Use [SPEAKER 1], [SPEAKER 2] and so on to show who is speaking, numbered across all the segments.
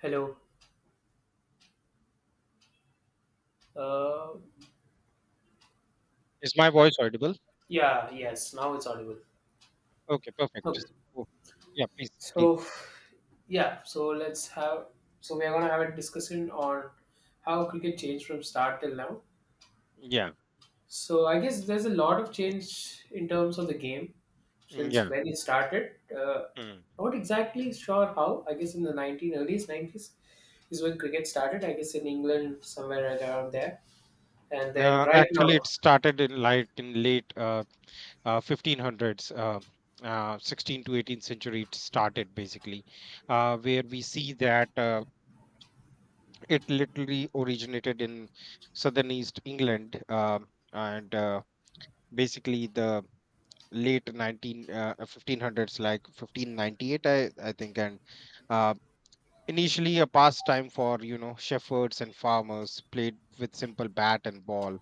[SPEAKER 1] Hello. Uh,
[SPEAKER 2] Is my voice audible?
[SPEAKER 1] yeah, yes, now it's audible.
[SPEAKER 2] Okay, perfect.
[SPEAKER 1] Okay.
[SPEAKER 2] Oh, yeah, please, please.
[SPEAKER 1] So, yeah, so we are going to have a discussion on how cricket changed from start till now.
[SPEAKER 2] Yeah,
[SPEAKER 1] So, I guess there's a lot of change in terms of the game
[SPEAKER 2] mm,
[SPEAKER 1] since
[SPEAKER 2] yeah.
[SPEAKER 1] when it started.
[SPEAKER 2] Mm.
[SPEAKER 1] Not exactly sure how. I guess in the early 90s is when cricket started, I guess in England, somewhere around there. And then right
[SPEAKER 2] Actually,
[SPEAKER 1] now.
[SPEAKER 2] it started in light in late 1500s, 16th to 18th century. It started basically, where we see that it literally originated in southern East England, and basically the late 19 uh, 1500s, like 1598, I think. And uh, Initially, a pastime for, shepherds and farmers, played with simple bat and ball,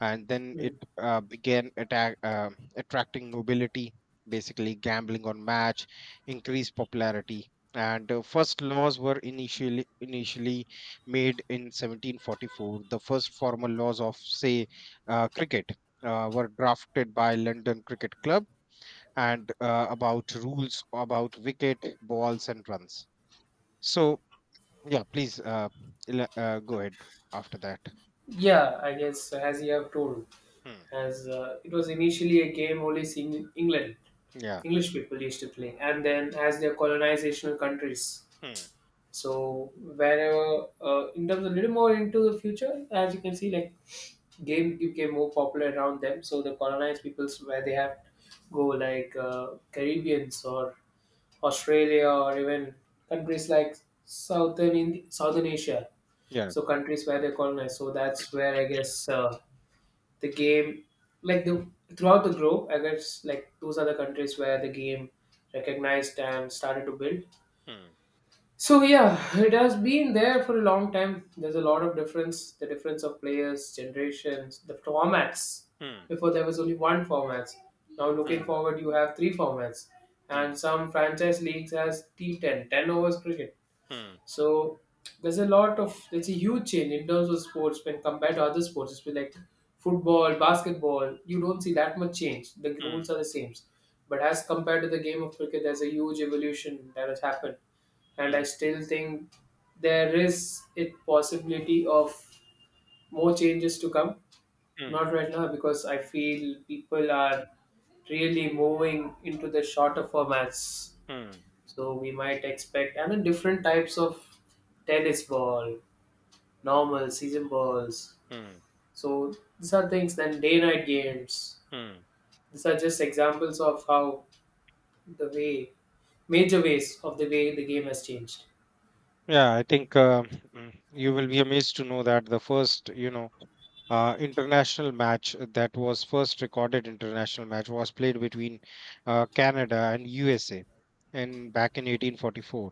[SPEAKER 2] and then it
[SPEAKER 1] Mm.
[SPEAKER 2] attracting nobility. Basically, gambling on match increased popularity, and first laws were initially made in 1744. The first formal laws of, say cricket, were drafted by London Cricket Club, and about rules about wicket, balls, and runs. So yeah, please, go ahead after that.
[SPEAKER 1] Yeah, I guess as you have told.
[SPEAKER 2] Hmm.
[SPEAKER 1] As it was initially a game only seen England,
[SPEAKER 2] Yeah.
[SPEAKER 1] English people used to play, and then as their colonizational countries.
[SPEAKER 2] Hmm.
[SPEAKER 1] So wherever, in terms of a little more into the future, as you can see, like game became more popular around them. So the colonized peoples where they have go like Caribbeans or Australia or even countries like southern Southern Asia.
[SPEAKER 2] Yeah.
[SPEAKER 1] So countries where they colonized. So that's where I guess. The game like the throughout the globe, I guess, like those are the countries where the game recognized and started to build.
[SPEAKER 2] Hmm.
[SPEAKER 1] So yeah, it has been there for a long time. There's a lot of difference, the difference of players, generations, the formats.
[SPEAKER 2] Hmm.
[SPEAKER 1] Before there was only one format. Now looking
[SPEAKER 2] Hmm.
[SPEAKER 1] forward you have three formats, and some franchise leagues has T10, 10, ten overs cricket.
[SPEAKER 2] Hmm.
[SPEAKER 1] So there's a huge change in terms of sports when compared to other sports. It's been like football, basketball. You don't see that much change. The
[SPEAKER 2] Hmm.
[SPEAKER 1] rules are the same, but as compared to the game of cricket, there's a huge evolution that has happened,
[SPEAKER 2] Hmm.
[SPEAKER 1] and
[SPEAKER 2] Hmm.
[SPEAKER 1] I still think there is a possibility of more changes to come.
[SPEAKER 2] Hmm.
[SPEAKER 1] Not right now because I feel people are really moving into the shorter formats.
[SPEAKER 2] Hmm.
[SPEAKER 1] So we might expect and then different types of tennis ball, normal, season balls.
[SPEAKER 2] Hmm.
[SPEAKER 1] So these are things. Then day night games.
[SPEAKER 2] Hmm.
[SPEAKER 1] These are just examples of how the way, major ways of the way the game has changed.
[SPEAKER 2] Yeah, I think, you will be amazed to know that the first, international match, that was first recorded international match, was played between Canada and USA, and back in 1844.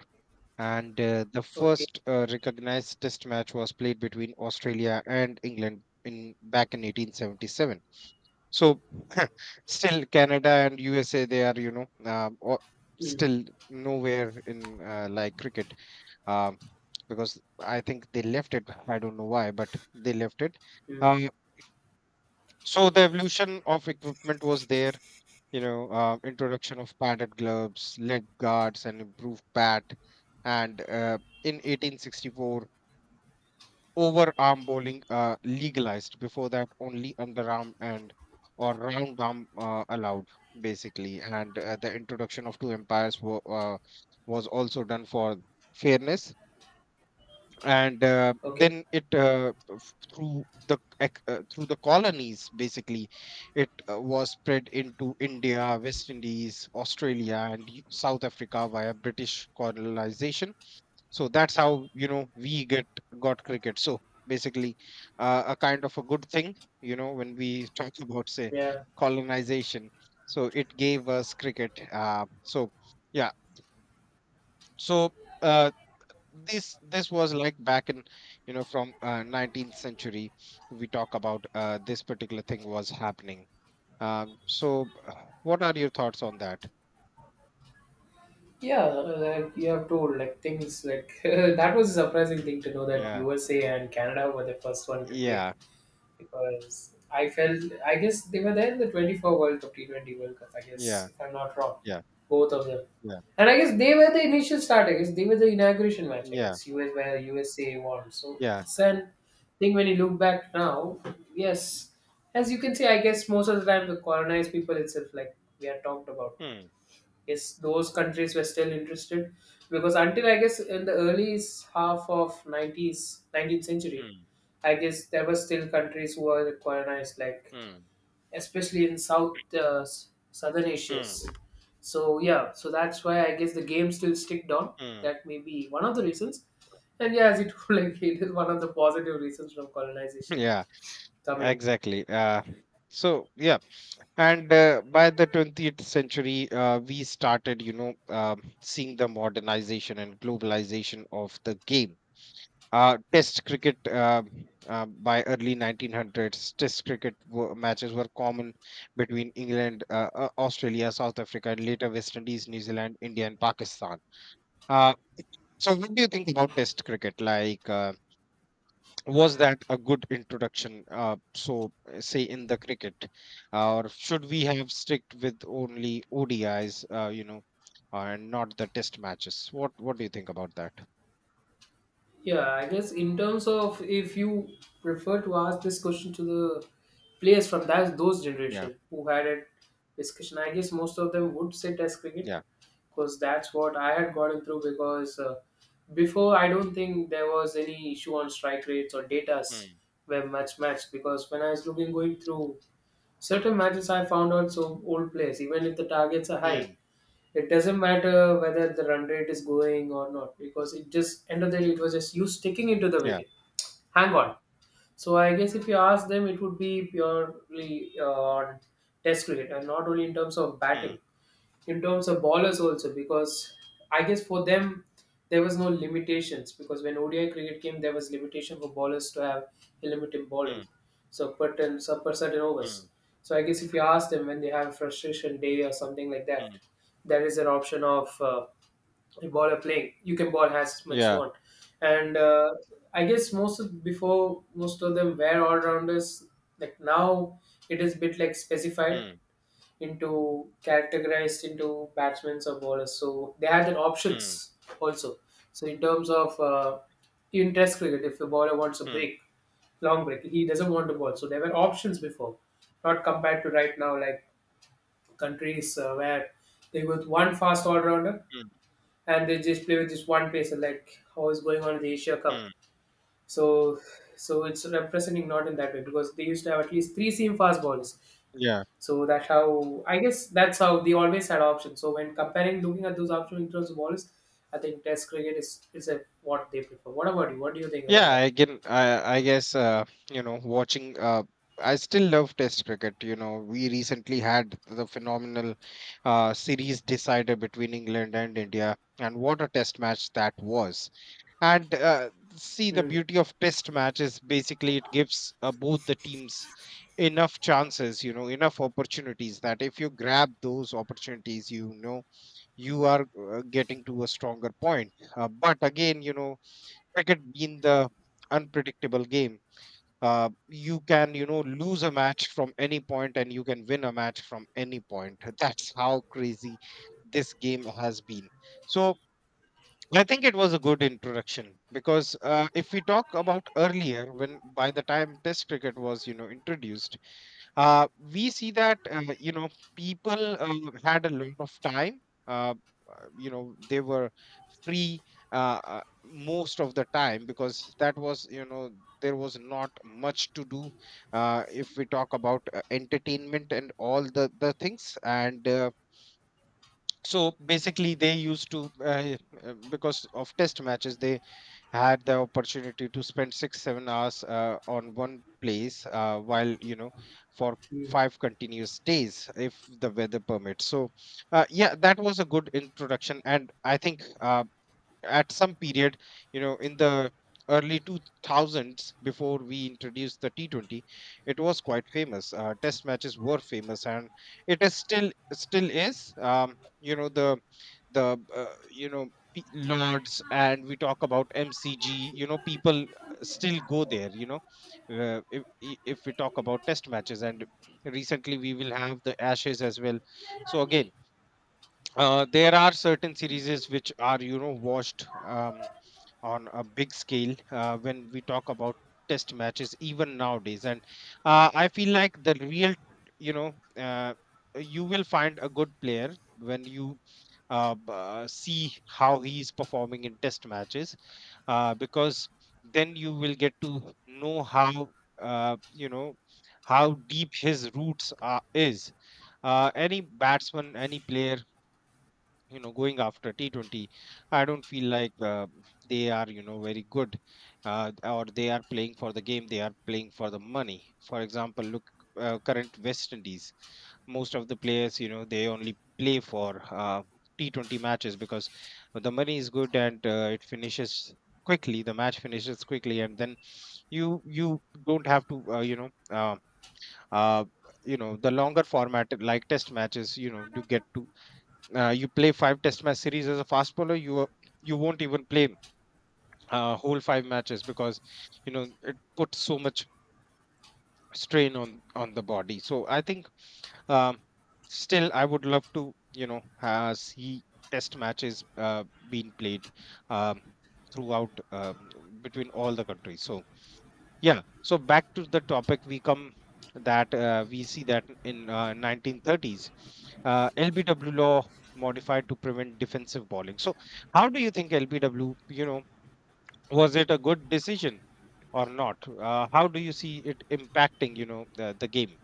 [SPEAKER 2] And the
[SPEAKER 1] Okay.
[SPEAKER 2] first recognized test match was played between Australia and England in back in 1877. So still Canada and USA, they are,
[SPEAKER 1] Mm.
[SPEAKER 2] still nowhere in like cricket. um, because I think they left it, I don't know why, but they left it.
[SPEAKER 1] Mm.
[SPEAKER 2] um, the evolution of equipment was there, introduction of padded gloves, leg guards, and improved bat. And In 1864, overarm bowling legalized. Before that, only underarm and or round arm allowed, basically. And the introduction of two umpires was also done for fairness, and
[SPEAKER 1] Okay.
[SPEAKER 2] then it through the colonies, basically it was spread into India, West Indies, Australia, and South Africa via British colonization. So that's how, we get got cricket. So basically, a kind of a good thing, you know, when we talk about, say,
[SPEAKER 1] Yeah.
[SPEAKER 2] colonization. So it gave us cricket. Yeah. So uh, this was like back in, from 19th century, we talk about, this particular thing was happening. So what are your thoughts on that?
[SPEAKER 1] Yeah, like you have told, like things like that was a surprising thing to know that
[SPEAKER 2] Yeah,
[SPEAKER 1] USA and Canada were the first one to play.
[SPEAKER 2] yeah,
[SPEAKER 1] Because I felt, I guess they were there in the 24 World Cup, T20 World Cup, I guess,
[SPEAKER 2] yeah,
[SPEAKER 1] if I'm not wrong,
[SPEAKER 2] yeah,
[SPEAKER 1] both of them.
[SPEAKER 2] yeah,
[SPEAKER 1] And I guess they were the initial start. I guess they were the inauguration match. I
[SPEAKER 2] yeah,
[SPEAKER 1] guess US, where USA won. So
[SPEAKER 2] yeah.
[SPEAKER 1] it's an thing when you look back now. Yes, as you can see, I guess most of the time the colonized people itself, like we had talked about,
[SPEAKER 2] Hmm.
[SPEAKER 1] yes, those countries were still interested because until I guess in the early half of 90s, 19th century,
[SPEAKER 2] Hmm.
[SPEAKER 1] I guess there were still countries who were colonized, like
[SPEAKER 2] Hmm.
[SPEAKER 1] especially in Southern
[SPEAKER 2] Hmm.
[SPEAKER 1] Asia's. So yeah, that's why I guess the game still stick down.
[SPEAKER 2] Hmm.
[SPEAKER 1] That may be one of the reasons. And yeah, as you told, like it is one of the positive reasons from colonization
[SPEAKER 2] Yeah,
[SPEAKER 1] coming.
[SPEAKER 2] exactly. So yeah. and By the 20th century, we started, seeing the modernization and globalization of the game. Test cricket By early 1900s, test cricket matches were common between England, Australia, South Africa, and later West Indies, New Zealand, India, and Pakistan. uh, so what do you think about test cricket, was that a good introduction, say, in the cricket? Or should we have strict with only ODIs, and not the test matches? What do you think about that?
[SPEAKER 1] Yeah, I guess in terms of if you prefer to ask this question to the players from that those
[SPEAKER 2] Yeah,
[SPEAKER 1] generation who had a discussion, I guess most of them would sit as cricket
[SPEAKER 2] yeah.
[SPEAKER 1] because that's what I had gotten through. Because before, I don't think there was any issue on strike rates or datas
[SPEAKER 2] Hmm.
[SPEAKER 1] were much matched. Because when I was looking going through certain matches, I found out some old players, even if the targets are high,
[SPEAKER 2] Hmm.
[SPEAKER 1] it doesn't matter whether the run rate is going or not because it just end of the day it was just you sticking into the
[SPEAKER 2] Yeah.
[SPEAKER 1] wicket. Hang on, so I guess if you ask them, it would be purely on test cricket and not only in terms of
[SPEAKER 2] Hmm.
[SPEAKER 1] batting, in terms of bowlers also. Because I guess for them, there was no limitations. Because when ODI cricket came, there was limitation for bowlers to have a limit in bowling, so per ten, so per certain overs.
[SPEAKER 2] Mm,
[SPEAKER 1] So I guess if you ask them when they have a frustration day or something like
[SPEAKER 2] mm,
[SPEAKER 1] that, there is an option of the ball are playing. You can ball as much you
[SPEAKER 2] yeah.
[SPEAKER 1] want, and I guess before most of them were all rounders. Like now, it is bit like specified
[SPEAKER 2] Mm,
[SPEAKER 1] into categorized into batsmen or bowlers. So they have their
[SPEAKER 2] mm,
[SPEAKER 1] options also. So in terms of in Test cricket, if a bowler wants a
[SPEAKER 2] mm,
[SPEAKER 1] break, long break, he doesn't want to bowl. So there were options before, not compared to right now like countries where they with one fast all rounder
[SPEAKER 2] mm,
[SPEAKER 1] and they just play with just one pacer like how is going on in the Asia Cup.
[SPEAKER 2] mm.
[SPEAKER 1] So so it's representing not in that way because they used to have at least three seam fast bowlers.
[SPEAKER 2] Yeah.
[SPEAKER 1] So that how I guess that's how they always had options. So when comparing looking at those options in terms of balls, I think Test cricket is a, what they prefer. What about you? What do you think about
[SPEAKER 2] Yeah,
[SPEAKER 1] that?
[SPEAKER 2] I can, I guess, you know, watching I still love Test cricket. You know, we recently had the phenomenal series decider between England and India, and what a Test match that was. And see, the
[SPEAKER 1] Hmm.
[SPEAKER 2] beauty of Test match is basically it gives both the teams enough chances, you know, enough opportunities, that if you grab those opportunities, you know you are getting to a stronger point. But again, you know, cricket being the unpredictable game, you can, you know, lose a match from any point, and you can win a match from any point. That's how crazy this game has been. So I think it was a good introduction, because if we talk about earlier, when by the time Test cricket was, you know, introduced, we see that, people, had a lot of time, uh, they were free, most of the time, because that was, there was not much to do, if we talk about, entertainment and all the things. And so basically they used to, because of test matches, they had the opportunity to spend 6-7 hours on one place, while, you know, for five continuous days if the weather permits. So yeah, that was a good introduction. And I think, at some period, you know, in the early 2000s, before we introduced the T20, it was quite famous. Test matches were famous, and it is still still is. The lords, and we talk about MCG. You know, people still go there. If we talk about test matches, and recently we will have the Ashes as well. So again, there are certain series which are, you know, watched, on a big scale, when we talk about test matches even nowadays. And I feel like the real, you know uh, you will find a good player when you see how he is performing in test matches, because then you will get to know how, uh, you know how deep his roots are is any batsman any player, you know, going after T20, I don't feel like, they are, you know, very good. Or they are playing for the game, they are playing for the money. For example, look, current West Indies, most of the players, you know, they only play for T20 matches, because the money is good, and it finishes quickly the match finishes quickly, and then you don't have to, uh, you know, the longer format, like test matches, you get to, you play five test match series as a fast bowler, you won't even play whole five matches, because you know it puts so much strain on the body. So I think, um, still I would love to, see test matches, being played, um, throughout, between all the countries. So yeah. So back to the topic, we come that, we see that, in 1930s, LBW law modified to prevent defensive bowling. So how do you think LBW, you know, was it a good decision or not? How do you see it impacting, you know, the game?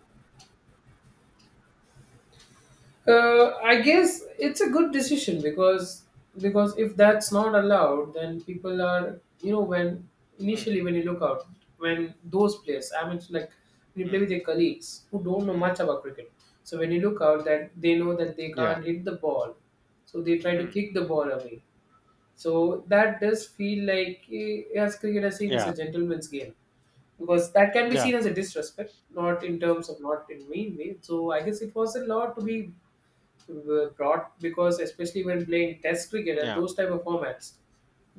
[SPEAKER 1] I guess it's a good decision because if that's not allowed, then people are, you know, when
[SPEAKER 2] Mm,
[SPEAKER 1] initially when you look out, when those players, I mean, like when you play with
[SPEAKER 2] mm,
[SPEAKER 1] your colleagues who don't know
[SPEAKER 2] mm.
[SPEAKER 1] much about cricket, so when you look out that they know that they
[SPEAKER 2] Yeah.
[SPEAKER 1] can't hit the ball, so they try to
[SPEAKER 2] Mm.
[SPEAKER 1] kick the ball away. So that does feel like as cricket is seen as a
[SPEAKER 2] Yeah.
[SPEAKER 1] gentleman's game because that can be
[SPEAKER 2] Yeah.
[SPEAKER 1] seen as a disrespect, not in terms of not in mean way. So I guess it was a law to be were brought because especially when playing test cricket and
[SPEAKER 2] Yeah.
[SPEAKER 1] those type of formats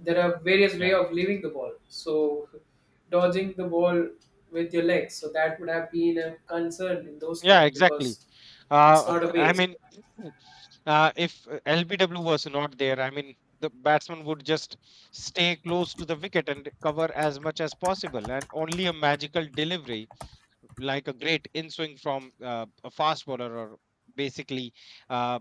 [SPEAKER 1] there are various way
[SPEAKER 2] Yeah.
[SPEAKER 1] of leaving the ball, so dodging the ball with your legs, so that would have been a concern in those
[SPEAKER 2] Yeah.
[SPEAKER 1] times
[SPEAKER 2] Exactly.
[SPEAKER 1] because it's not a
[SPEAKER 2] I
[SPEAKER 1] base.
[SPEAKER 2] mean, if LBW was not there, I mean, the batsman would just stay close to the wicket and cover as much as possible. And only a magical delivery, like a great in swing from a fast bowler, or basically uh,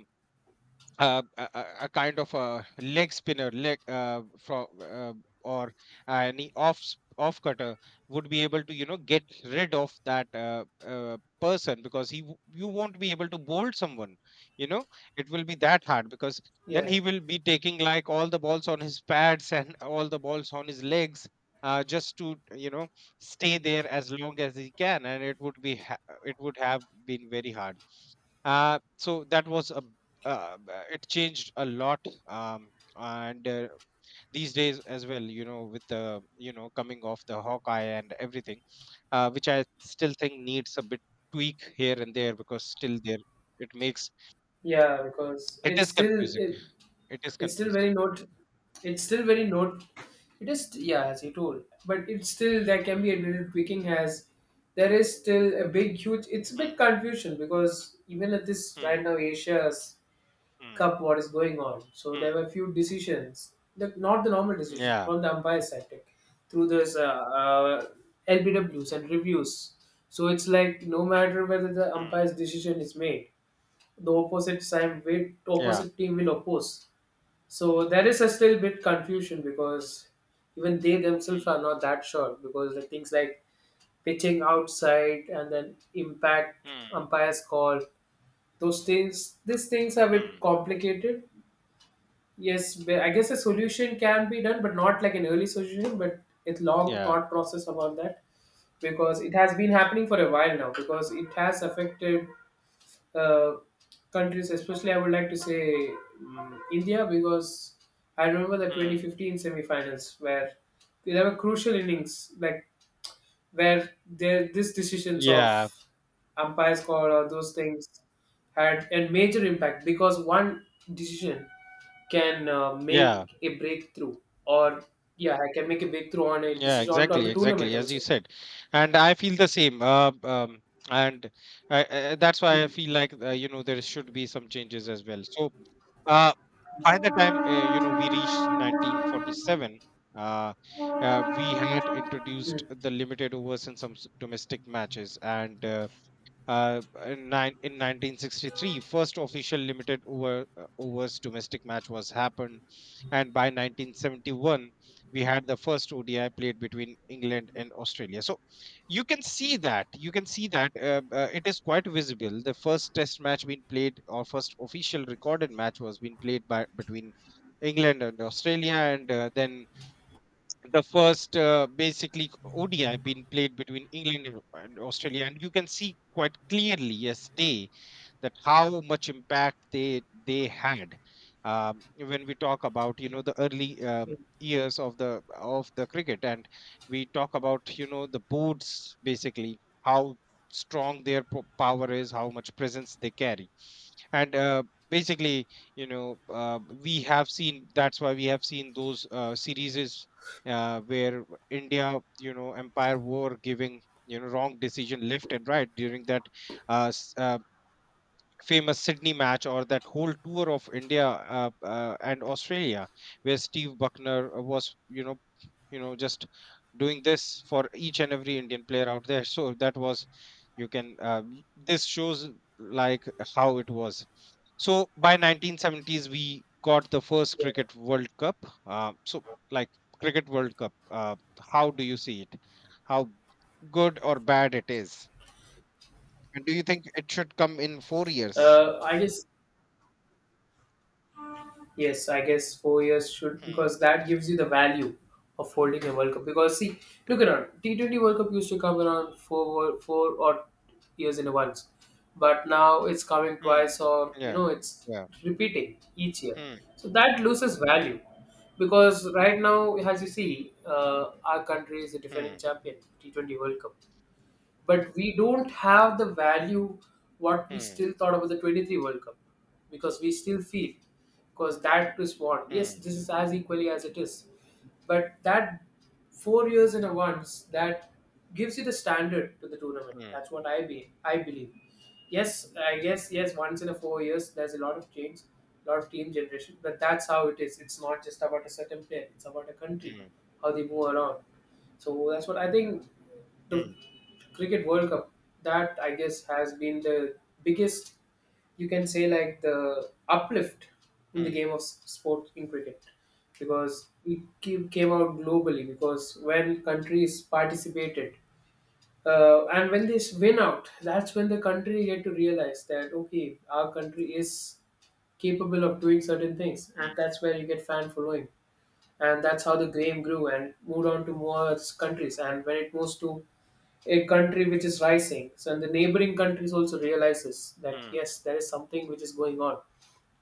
[SPEAKER 2] a kind of a leg spinner, leg from or any off cutter, would be able to, you know, get rid of that, person, because you won't be able to bolt someone, you know. It will be that hard, because then
[SPEAKER 1] Yeah,
[SPEAKER 2] he will be taking like all the balls on his pads and all the balls on his legs, just to, you know, stay there as long as he can, and it would have been very hard. So that was a it changed a lot. And These days as well, you know, with the, coming off the Hawkeye and everything, which I still think needs a bit tweak here and there, because still there, it makes,
[SPEAKER 1] yeah, because
[SPEAKER 2] it
[SPEAKER 1] it's
[SPEAKER 2] is
[SPEAKER 1] still
[SPEAKER 2] confusing it is
[SPEAKER 1] it's still
[SPEAKER 2] confusing.
[SPEAKER 1] very note. It's still very note. It is, yeah, as you told, but it's still there can be a little tweaking as there is still a big huge. It's a bit
[SPEAKER 2] Mm,
[SPEAKER 1] confusion because even at this right
[SPEAKER 2] mm,
[SPEAKER 1] now Asia's
[SPEAKER 2] mm,
[SPEAKER 1] Cup, what is going on? So
[SPEAKER 2] mm.
[SPEAKER 1] there were few decisions, not the normal decisions
[SPEAKER 2] Yeah.
[SPEAKER 1] from the umpire side like, through this LBWs and reviews. So it's like no matter whether the
[SPEAKER 2] Mm,
[SPEAKER 1] umpire's decision is made, the opposite side will
[SPEAKER 2] yeah.
[SPEAKER 1] opposite team will oppose. So there is a still bit confusion because even they themselves are
[SPEAKER 2] Mm,
[SPEAKER 1] not that sure because the things like pitching outside and then impact
[SPEAKER 2] mm,
[SPEAKER 1] umpire's call, those things these things are a bit
[SPEAKER 2] mm.
[SPEAKER 1] complicated. Yes, but I guess a solution can be done but not like an early solution, but it's long
[SPEAKER 2] Yeah.
[SPEAKER 1] thought process about that because it has been happening for a while now because it has affected uh, countries, especially I would like to say India, because I remember the
[SPEAKER 2] Mm.
[SPEAKER 1] 2015 semi-finals where there were crucial innings, like where there these decisions of
[SPEAKER 2] Yeah,
[SPEAKER 1] umpires call or those things had a major impact because one decision can
[SPEAKER 2] yeah.
[SPEAKER 1] make a breakthrough or, yeah, I can make a breakthrough on a
[SPEAKER 2] Yeah,
[SPEAKER 1] decision on
[SPEAKER 2] exactly,
[SPEAKER 1] the tournament
[SPEAKER 2] exactly, as
[SPEAKER 1] also.
[SPEAKER 2] you said, and I feel the same. And That's why I
[SPEAKER 1] Mm.
[SPEAKER 2] feel like, there should be some changes as well. So uh, by the time, we reached 1947, uh, we had introduced
[SPEAKER 1] Mm.
[SPEAKER 2] the limited overs in some domestic matches, and uh, in 1963, first official limited overs domestic match was happened, and by 1971, we had the first ODI played between England and Australia. So you can see that, it is quite visible. The first Test match being played, or first official recorded match, was being played by between England and Australia, and then the first basically ODI being played between England and Australia, and you can see quite clearly yesterday that how much impact they had. When we talk about, you know, the early years of the cricket, and we talk about, you know, the boards, basically how strong their power is, how much presence they carry, and basically we have seen that's why we have seen those series where India, you know, empire were giving, you know, wrong decision left and right during that uh, s- uh, famous Sydney match, or that whole tour of India and Australia, where Steve Buckner was, you know, just doing this for each and every Indian player out there. So that was, this shows, like how it was. So by 1970s we got the first Cricket World Cup. uh, so like Cricket World Cup, how do you see it? How good or bad it is, and do you think it should come in 4 years?
[SPEAKER 1] I just Yes, I guess 4 years should
[SPEAKER 2] Hmm,
[SPEAKER 1] because that gives you the value of holding a World Cup. Because see, look around. T 20 World Cup used to come around four or years in a once, but now it's coming
[SPEAKER 2] hmm.
[SPEAKER 1] twice or, you
[SPEAKER 2] Yeah,
[SPEAKER 1] know, it's
[SPEAKER 2] yeah.
[SPEAKER 1] repeating each year.
[SPEAKER 2] Hmm,
[SPEAKER 1] So that loses value because right now, as you see, our country is the defending
[SPEAKER 2] hmm,
[SPEAKER 1] champion T 20 World Cup, but we don't have the value what we
[SPEAKER 2] hmm,
[SPEAKER 1] still thought about the 23 world cup because we still feel because that is what, yes,
[SPEAKER 2] hmm,
[SPEAKER 1] this is as equally as it is, but that 4 years in a once that gives you the standard to the tournament,
[SPEAKER 2] hmm,
[SPEAKER 1] that's what I believe. Yes, I guess yes. Once in a 4 years, there's a lot of change, a lot of team generation. But that's how it is. It's not just about a certain player. It's about a country,
[SPEAKER 2] hmm,
[SPEAKER 1] how they move around. So that's what I think. The
[SPEAKER 2] hmm,
[SPEAKER 1] cricket World Cup, that I guess has been the biggest. You can say like the uplift in the
[SPEAKER 2] hmm,
[SPEAKER 1] game of sport in cricket because it came out globally because when countries participated and when they win out that's when the country get to realize that okay our country is capable of doing certain things, and that's where you get fan following, and that's how the game grew and moved on to more countries and when it moves to a country which is rising. So and the neighboring countries also realizes that
[SPEAKER 2] hmm, hmm,
[SPEAKER 1] yes, there is something which is going on,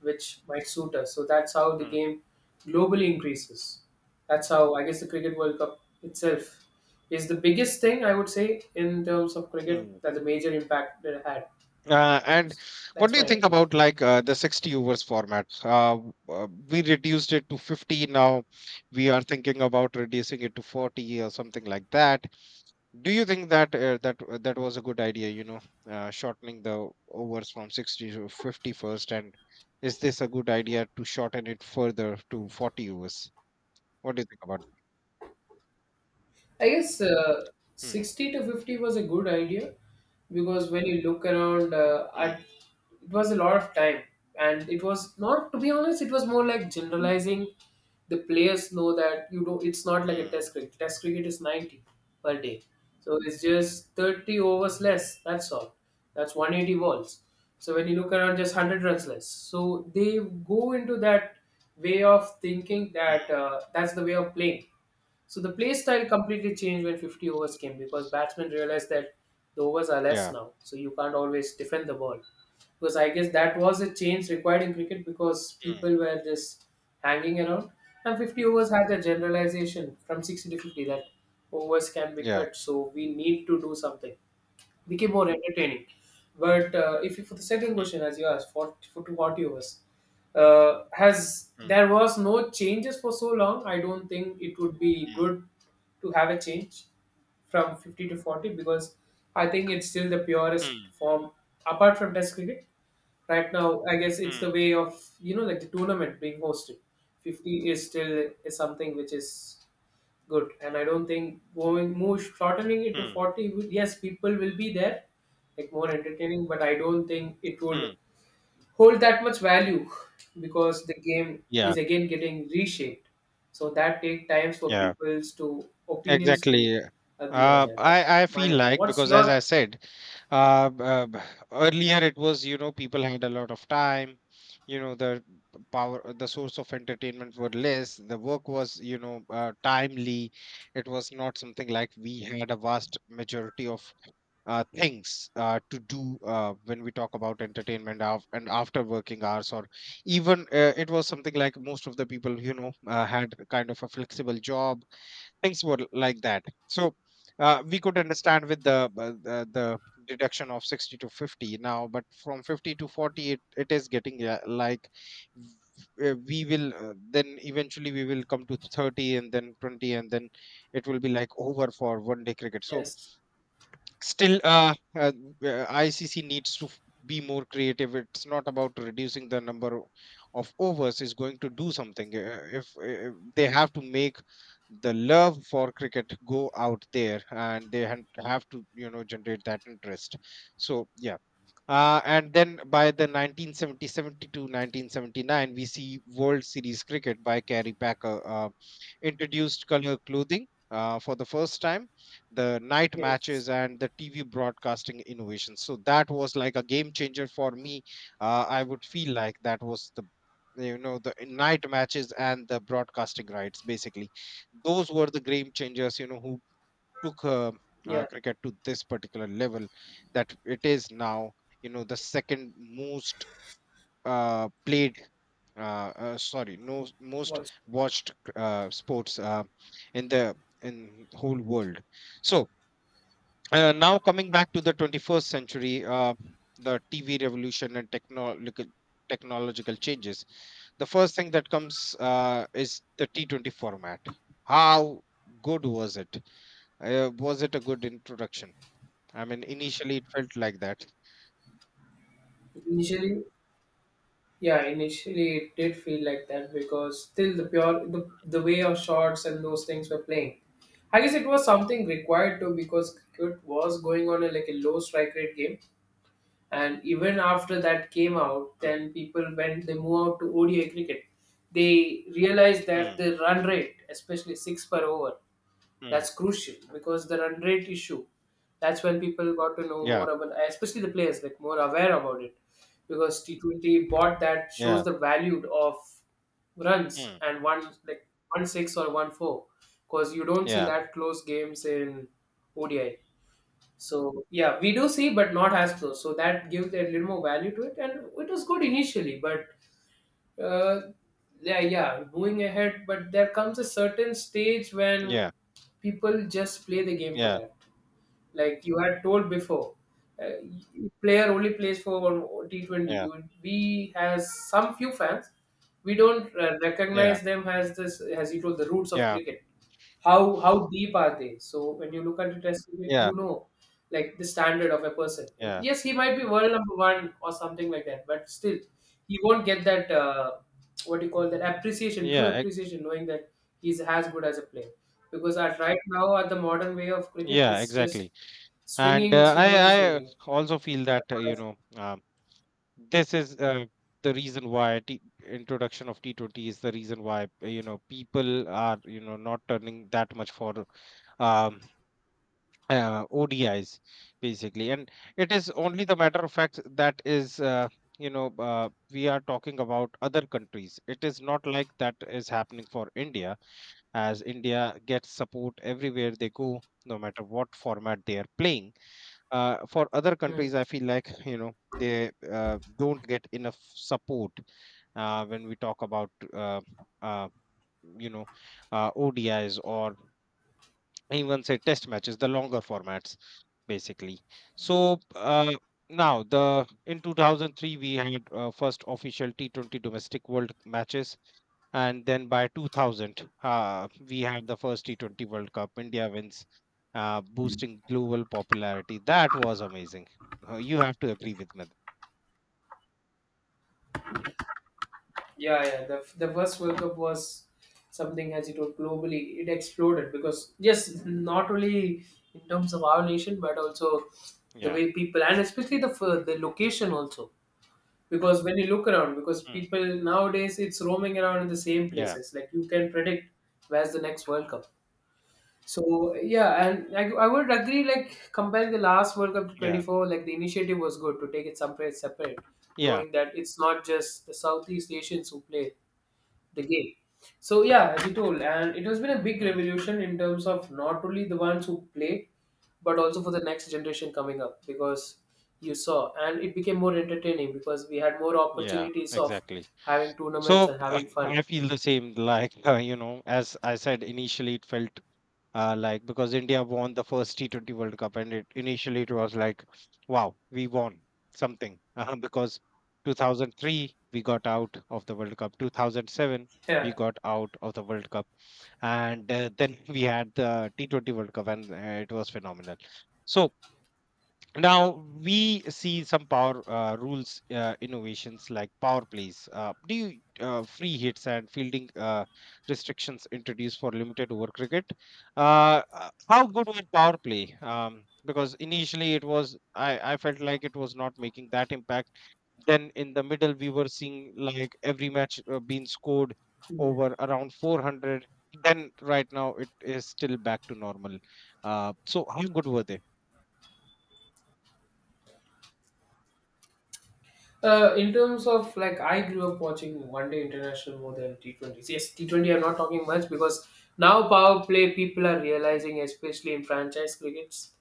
[SPEAKER 1] which might suit us. So that's how the
[SPEAKER 2] hmm,
[SPEAKER 1] game globally increases. That's how, I guess, the cricket World Cup itself is the biggest thing I would say in terms of cricket,
[SPEAKER 2] hmm.
[SPEAKER 1] that the major impact that it had.
[SPEAKER 2] And what
[SPEAKER 1] That's
[SPEAKER 2] do
[SPEAKER 1] my
[SPEAKER 2] you think
[SPEAKER 1] opinion.
[SPEAKER 2] about like the 60 overs format? We reduced it to 50 now. We are thinking about reducing it to 40 or something like that. Do you think that that was a good idea, you know, shortening the overs from 60 to 50 first? And is this a good idea to shorten it further to 40 overs? What do you think about
[SPEAKER 1] I guess
[SPEAKER 2] that? Mm,
[SPEAKER 1] 60 to 50 was a good idea because when you look around,
[SPEAKER 2] mm,
[SPEAKER 1] it was a lot of time. And it was not, to be honest, it was more like generalizing. The players know that you don't, it's not like a
[SPEAKER 2] mm,
[SPEAKER 1] test cricket. Test cricket is 90 per day. So it's just 30 overs less. That's all. That's 180 balls. So when you look around, just 100 runs less. So they go into that way of thinking that
[SPEAKER 2] mm.
[SPEAKER 1] that's the way of playing. So the play style completely changed when 50 overs came because batsmen realized that the overs are less
[SPEAKER 2] Yeah.
[SPEAKER 1] now, so you can't always defend the ball. Because I guess that was a change required in cricket because
[SPEAKER 2] Mm,
[SPEAKER 1] people were just hanging around. And 50 overs had a generalization from 60 to 50 that overs can be
[SPEAKER 2] yeah.
[SPEAKER 1] cut, so we need to do something became more entertaining. But if you, for the second
[SPEAKER 2] Mm,
[SPEAKER 1] question, as you asked, for to what you was, has
[SPEAKER 2] mm,
[SPEAKER 1] there was no changes for so long? I don't think it would be
[SPEAKER 2] mm,
[SPEAKER 1] good to have a change from 50 to 40 because I think it's still the purest
[SPEAKER 2] mm,
[SPEAKER 1] form apart from Test cricket. Right now, I guess it's the
[SPEAKER 2] mm,
[SPEAKER 1] way of like the tournament being hosted. 50 is still is something which is good, and I don't think going move shortening it to
[SPEAKER 2] mm,
[SPEAKER 1] 40 would, yes, people will be there like more entertaining, but I don't think it would
[SPEAKER 2] mm.
[SPEAKER 1] hold that much value because the game
[SPEAKER 2] Yeah.
[SPEAKER 1] is again getting reshaped, so that take times for
[SPEAKER 2] Yeah.
[SPEAKER 1] people's to opinions to
[SPEAKER 2] Exactly.
[SPEAKER 1] agree on
[SPEAKER 2] Uh,
[SPEAKER 1] that. That's
[SPEAKER 2] I I
[SPEAKER 1] my
[SPEAKER 2] feel
[SPEAKER 1] opinion.
[SPEAKER 2] like,
[SPEAKER 1] What's
[SPEAKER 2] because as
[SPEAKER 1] your?
[SPEAKER 2] I said, uh, uh, b- earlier it was, you know, people had a lot of time, you know, the power, the source of entertainment were less. The work was, you know, timely. It was not something like we had a vast majority of things to do when we talk about entertainment, and after working hours, or even it was something like most of the people, you know, had kind of a flexible job. Things were like that. So we could understand with the deduction of 60 to 50 now, but from 50 to 40, it is getting v- we will, then eventually we will come to 30, and then 20, and then it will be like over for one day cricket. So
[SPEAKER 1] Yes,
[SPEAKER 2] still, ICC needs to be more creative. It's not about reducing the number of overs, it's going to do something. If they have to make the love for cricket go out there, and they have to, you know, generate that interest, so yeah. And then by the 1970-72, 1979, we see World Series cricket by Kerry Packer, introduced color clothing for the first time, the night
[SPEAKER 1] yes,
[SPEAKER 2] matches, and the TV broadcasting innovation. So that was like a game changer for me. I would feel like that was the you know the night matches and the broadcasting rights, basically. Those were the game changers, you know, who took
[SPEAKER 1] yeah.
[SPEAKER 2] cricket to this particular level that it is now, you know, the second most played, sorry, no, most
[SPEAKER 1] what's
[SPEAKER 2] watched sports, in the in whole world. So now coming back to the 21st century, the TV revolution and technological changes, the first thing that comes is the T20 format. How good was it? Was it a good introduction? I mean, initially it felt like that.
[SPEAKER 1] initially yeah, initially it did feel like that because still the way our shots and those things were playing. I guess it was something required to because cricket was going on like a low strike rate game, and even after that came out,
[SPEAKER 2] Mm,
[SPEAKER 1] then people when they move out to ODI cricket, they realized that
[SPEAKER 2] mm,
[SPEAKER 1] the run rate, especially six per over,
[SPEAKER 2] mm.
[SPEAKER 1] that's crucial because the run rate issue. That's when people got to know
[SPEAKER 2] Yeah,
[SPEAKER 1] more about, especially the players, like more aware about it, because T20 bought that shows
[SPEAKER 2] yeah,
[SPEAKER 1] the value of runs
[SPEAKER 2] mm,
[SPEAKER 1] and one, like one six or one four, because you don't see
[SPEAKER 2] yeah,
[SPEAKER 1] that close games in ODI. So yeah, we do see, but not as close. So that gives a little more value to it, and it was good initially, but uh, yeah, yeah, moving ahead, but there comes a certain stage when
[SPEAKER 2] yeah,
[SPEAKER 1] people just play the game for
[SPEAKER 2] yeah,
[SPEAKER 1] that. Like you had told before, uh, player only plays for T20.
[SPEAKER 2] yeah,
[SPEAKER 1] We has some few fans. We don't
[SPEAKER 2] yeah,
[SPEAKER 1] recognize them as this, as you told, the roots of
[SPEAKER 2] yeah,
[SPEAKER 1] cricket. How deep are they? So when you look at it as cricket,
[SPEAKER 2] yeah,
[SPEAKER 1] like the standard of a person.
[SPEAKER 2] yeah,
[SPEAKER 1] Yes, he might be world number one or something like that, but still, he won't get that, what do you call that, appreciation, true
[SPEAKER 2] yeah,
[SPEAKER 1] appreciation, knowing that he's as good as a player because at right now at the modern way of cricket
[SPEAKER 2] yeah,
[SPEAKER 1] it's just
[SPEAKER 2] exactly. And
[SPEAKER 1] swinging,
[SPEAKER 2] uh,
[SPEAKER 1] swinging,
[SPEAKER 2] I, I
[SPEAKER 1] swinging.
[SPEAKER 2] also feel that,
[SPEAKER 1] That's what I-
[SPEAKER 2] this is the reason why, introduction of T20 is the reason why, you know, people are, you know, not turning that much for um ODIs, basically. And it is only the matter of fact that is, we are talking about other countries. It is not like that is happening for India, as India gets support everywhere they go, no matter what format they are playing. For other
[SPEAKER 1] Hmm.
[SPEAKER 2] countries, I feel like, you know, they don't get enough support when we talk about uh, you know ODIs, or even say test matches, the longer formats, basically. So now the in 2003 we had first official T20 domestic world matches, and then by 2000 we had the first T20 World Cup. India wins, boosting global popularity. That was amazing. You have to agree with me.
[SPEAKER 1] Yeah, yeah, the first world cup was something, as you told, globally it exploded because yes, not only in terms of our nation but also the
[SPEAKER 2] Yeah.
[SPEAKER 1] way people and especially the location also, because when you look around because
[SPEAKER 2] Mm.
[SPEAKER 1] people nowadays it's roaming around in the same
[SPEAKER 2] Yeah.
[SPEAKER 1] places, like you can predict where's the next world cup. So yeah, and I would agree. Like comparing the last World Cup to twenty
[SPEAKER 2] Yeah.
[SPEAKER 1] four, like the initiative was good to take it somewhere separate,
[SPEAKER 2] Yeah.
[SPEAKER 1] knowing that it's not just the Southeast Asians who play the game. So yeah, as you told, and it has been a big
[SPEAKER 2] Mm.
[SPEAKER 1] revolution in terms of not only the ones who play, but also for the next generation coming up because you saw and it became more entertaining because we had more
[SPEAKER 2] Yeah.
[SPEAKER 1] opportunities of
[SPEAKER 2] Exactly.
[SPEAKER 1] having tournaments
[SPEAKER 2] So
[SPEAKER 1] and having fun.
[SPEAKER 2] I feel the same. Like, as I said, initially it felt like, because India won the first T20 World Cup, and it initially it was like, wow, we won something because 2003 we got out of the World Cup, 2007 we
[SPEAKER 1] Yeah.
[SPEAKER 2] got out of the World Cup, and then we had the T20 World Cup, and it was phenomenal. So now we see some power rules, innovations like power plays. Do you free hits and fielding restrictions introduced for limited over cricket. How good was power play? Because initially it was, I felt like it was not making that impact. Then in the middle we were seeing like every match being scored over around 400. Then right now it is still back to normal. So how good were they?
[SPEAKER 1] In terms of like, I grew up watching one day international more than T20s. Yes, T20, I'm not talking much because now power play people are realizing, especially in franchise crickets,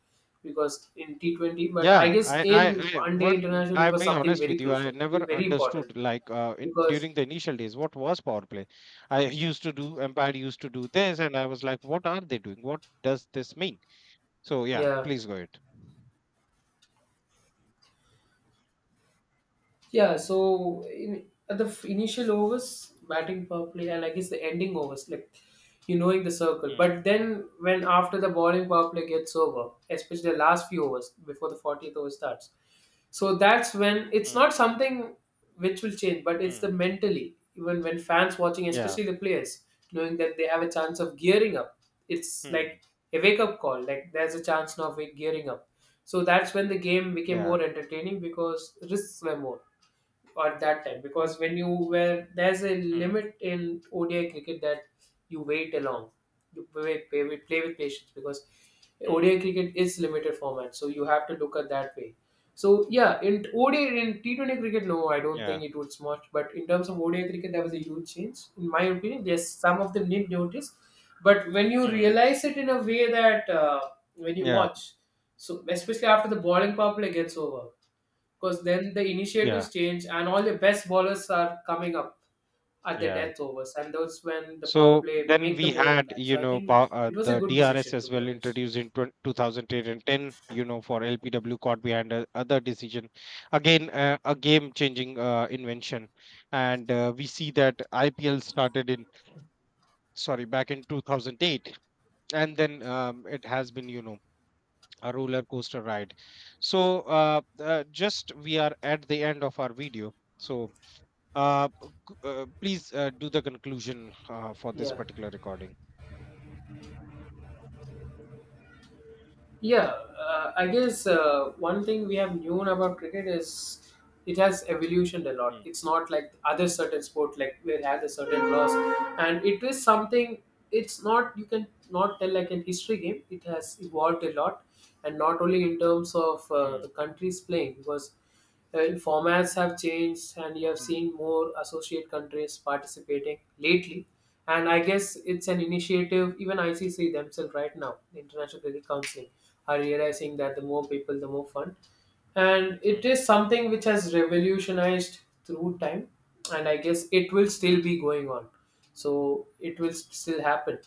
[SPEAKER 1] because in T20, but I
[SPEAKER 2] Yeah,
[SPEAKER 1] guess in
[SPEAKER 2] I
[SPEAKER 1] one day
[SPEAKER 2] one,
[SPEAKER 1] international, it
[SPEAKER 2] I'll
[SPEAKER 1] was
[SPEAKER 2] be
[SPEAKER 1] something
[SPEAKER 2] honest
[SPEAKER 1] very
[SPEAKER 2] with you. I
[SPEAKER 1] crucial to be
[SPEAKER 2] never
[SPEAKER 1] very important
[SPEAKER 2] understood like
[SPEAKER 1] because,
[SPEAKER 2] during the initial days what was power play. I used to do Empire used to do this, and I was like, what are they doing? What does this mean? So yeah,
[SPEAKER 1] yeah.
[SPEAKER 2] please go ahead.
[SPEAKER 1] Yeah, so at the initial overs, batting power play, and I guess the ending overs, like you knowing the circle.
[SPEAKER 2] Mm,
[SPEAKER 1] But then when after the bowling power play gets over, especially the last few overs before the 40th over starts, so that's when it's
[SPEAKER 2] mm,
[SPEAKER 1] not something which will change, but it's the
[SPEAKER 2] mm,
[SPEAKER 1] mentally, even when fans watching,
[SPEAKER 2] yeah,
[SPEAKER 1] especially the players, knowing that they have a chance of gearing up. It's
[SPEAKER 2] mm,
[SPEAKER 1] like a wake up call, like there's a chance now of gearing up. So that's when the game became
[SPEAKER 2] yeah,
[SPEAKER 1] more entertaining because risks were more at that time because when you were there's a
[SPEAKER 2] mm,
[SPEAKER 1] limit in ODI cricket that you wait along, you play with patience because
[SPEAKER 2] mm,
[SPEAKER 1] ODI cricket is limited format so you have to look at that way. So yeah, in ODI, in T20 cricket, no, I don't
[SPEAKER 2] yeah,
[SPEAKER 1] think it would much, but in terms of ODI cricket there was a huge change in my opinion. Yes, some of them did notice, but when you
[SPEAKER 2] mm,
[SPEAKER 1] realize it in a way that when you
[SPEAKER 2] yeah,
[SPEAKER 1] watch, so especially after the bowling power play gets over because then the initiatives
[SPEAKER 2] yeah,
[SPEAKER 1] change and all the best bowlers are coming up at the
[SPEAKER 2] yeah.
[SPEAKER 1] death overs and those when the power
[SPEAKER 2] So
[SPEAKER 1] play
[SPEAKER 2] then
[SPEAKER 1] make the
[SPEAKER 2] we
[SPEAKER 1] more
[SPEAKER 2] had,
[SPEAKER 1] impact,
[SPEAKER 2] you
[SPEAKER 1] so I
[SPEAKER 2] know,
[SPEAKER 1] think it was a
[SPEAKER 2] the
[SPEAKER 1] good
[SPEAKER 2] DRS
[SPEAKER 1] decision, to
[SPEAKER 2] as
[SPEAKER 1] be
[SPEAKER 2] well
[SPEAKER 1] honest.
[SPEAKER 2] introduced in 20 2008 and 10, you know, for LPW caught behind a, other decision. Again, a game-changing invention. And we see that IPL started in, sorry, back in 2008. And then it has been, you know, a roller coaster ride. So just we are at the end of our video. So uh, please do the conclusion for this
[SPEAKER 1] Yeah,
[SPEAKER 2] particular recording.
[SPEAKER 1] yeah, I guess one thing we have known about cricket is it has evolutioned a lot.
[SPEAKER 2] Mm,
[SPEAKER 1] It's not like other certain sport like where it has a certain laws, and it is something, it's not, you can not tell like an history game, it has evolved a lot. And not only in terms of
[SPEAKER 2] mm.
[SPEAKER 1] the countries playing because uh, formats have changed and you have
[SPEAKER 2] Mm,
[SPEAKER 1] seen more associate countries participating lately. And I guess it's an initiative, even ICC themselves right now, the International Cricket Council are realizing that the more people the more fun, and it
[SPEAKER 2] mm,
[SPEAKER 1] is something which has revolutionized through time, and I guess it will still
[SPEAKER 2] mm,
[SPEAKER 1] be going on, so it will still happen.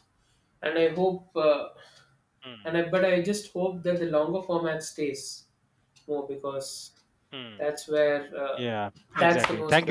[SPEAKER 1] And I hope,
[SPEAKER 2] mm,
[SPEAKER 1] but I just hope that the longer format stays more because
[SPEAKER 2] mm.
[SPEAKER 1] that's where,
[SPEAKER 2] Yeah,
[SPEAKER 1] that's the
[SPEAKER 2] exactly. Thank you. So
[SPEAKER 1] most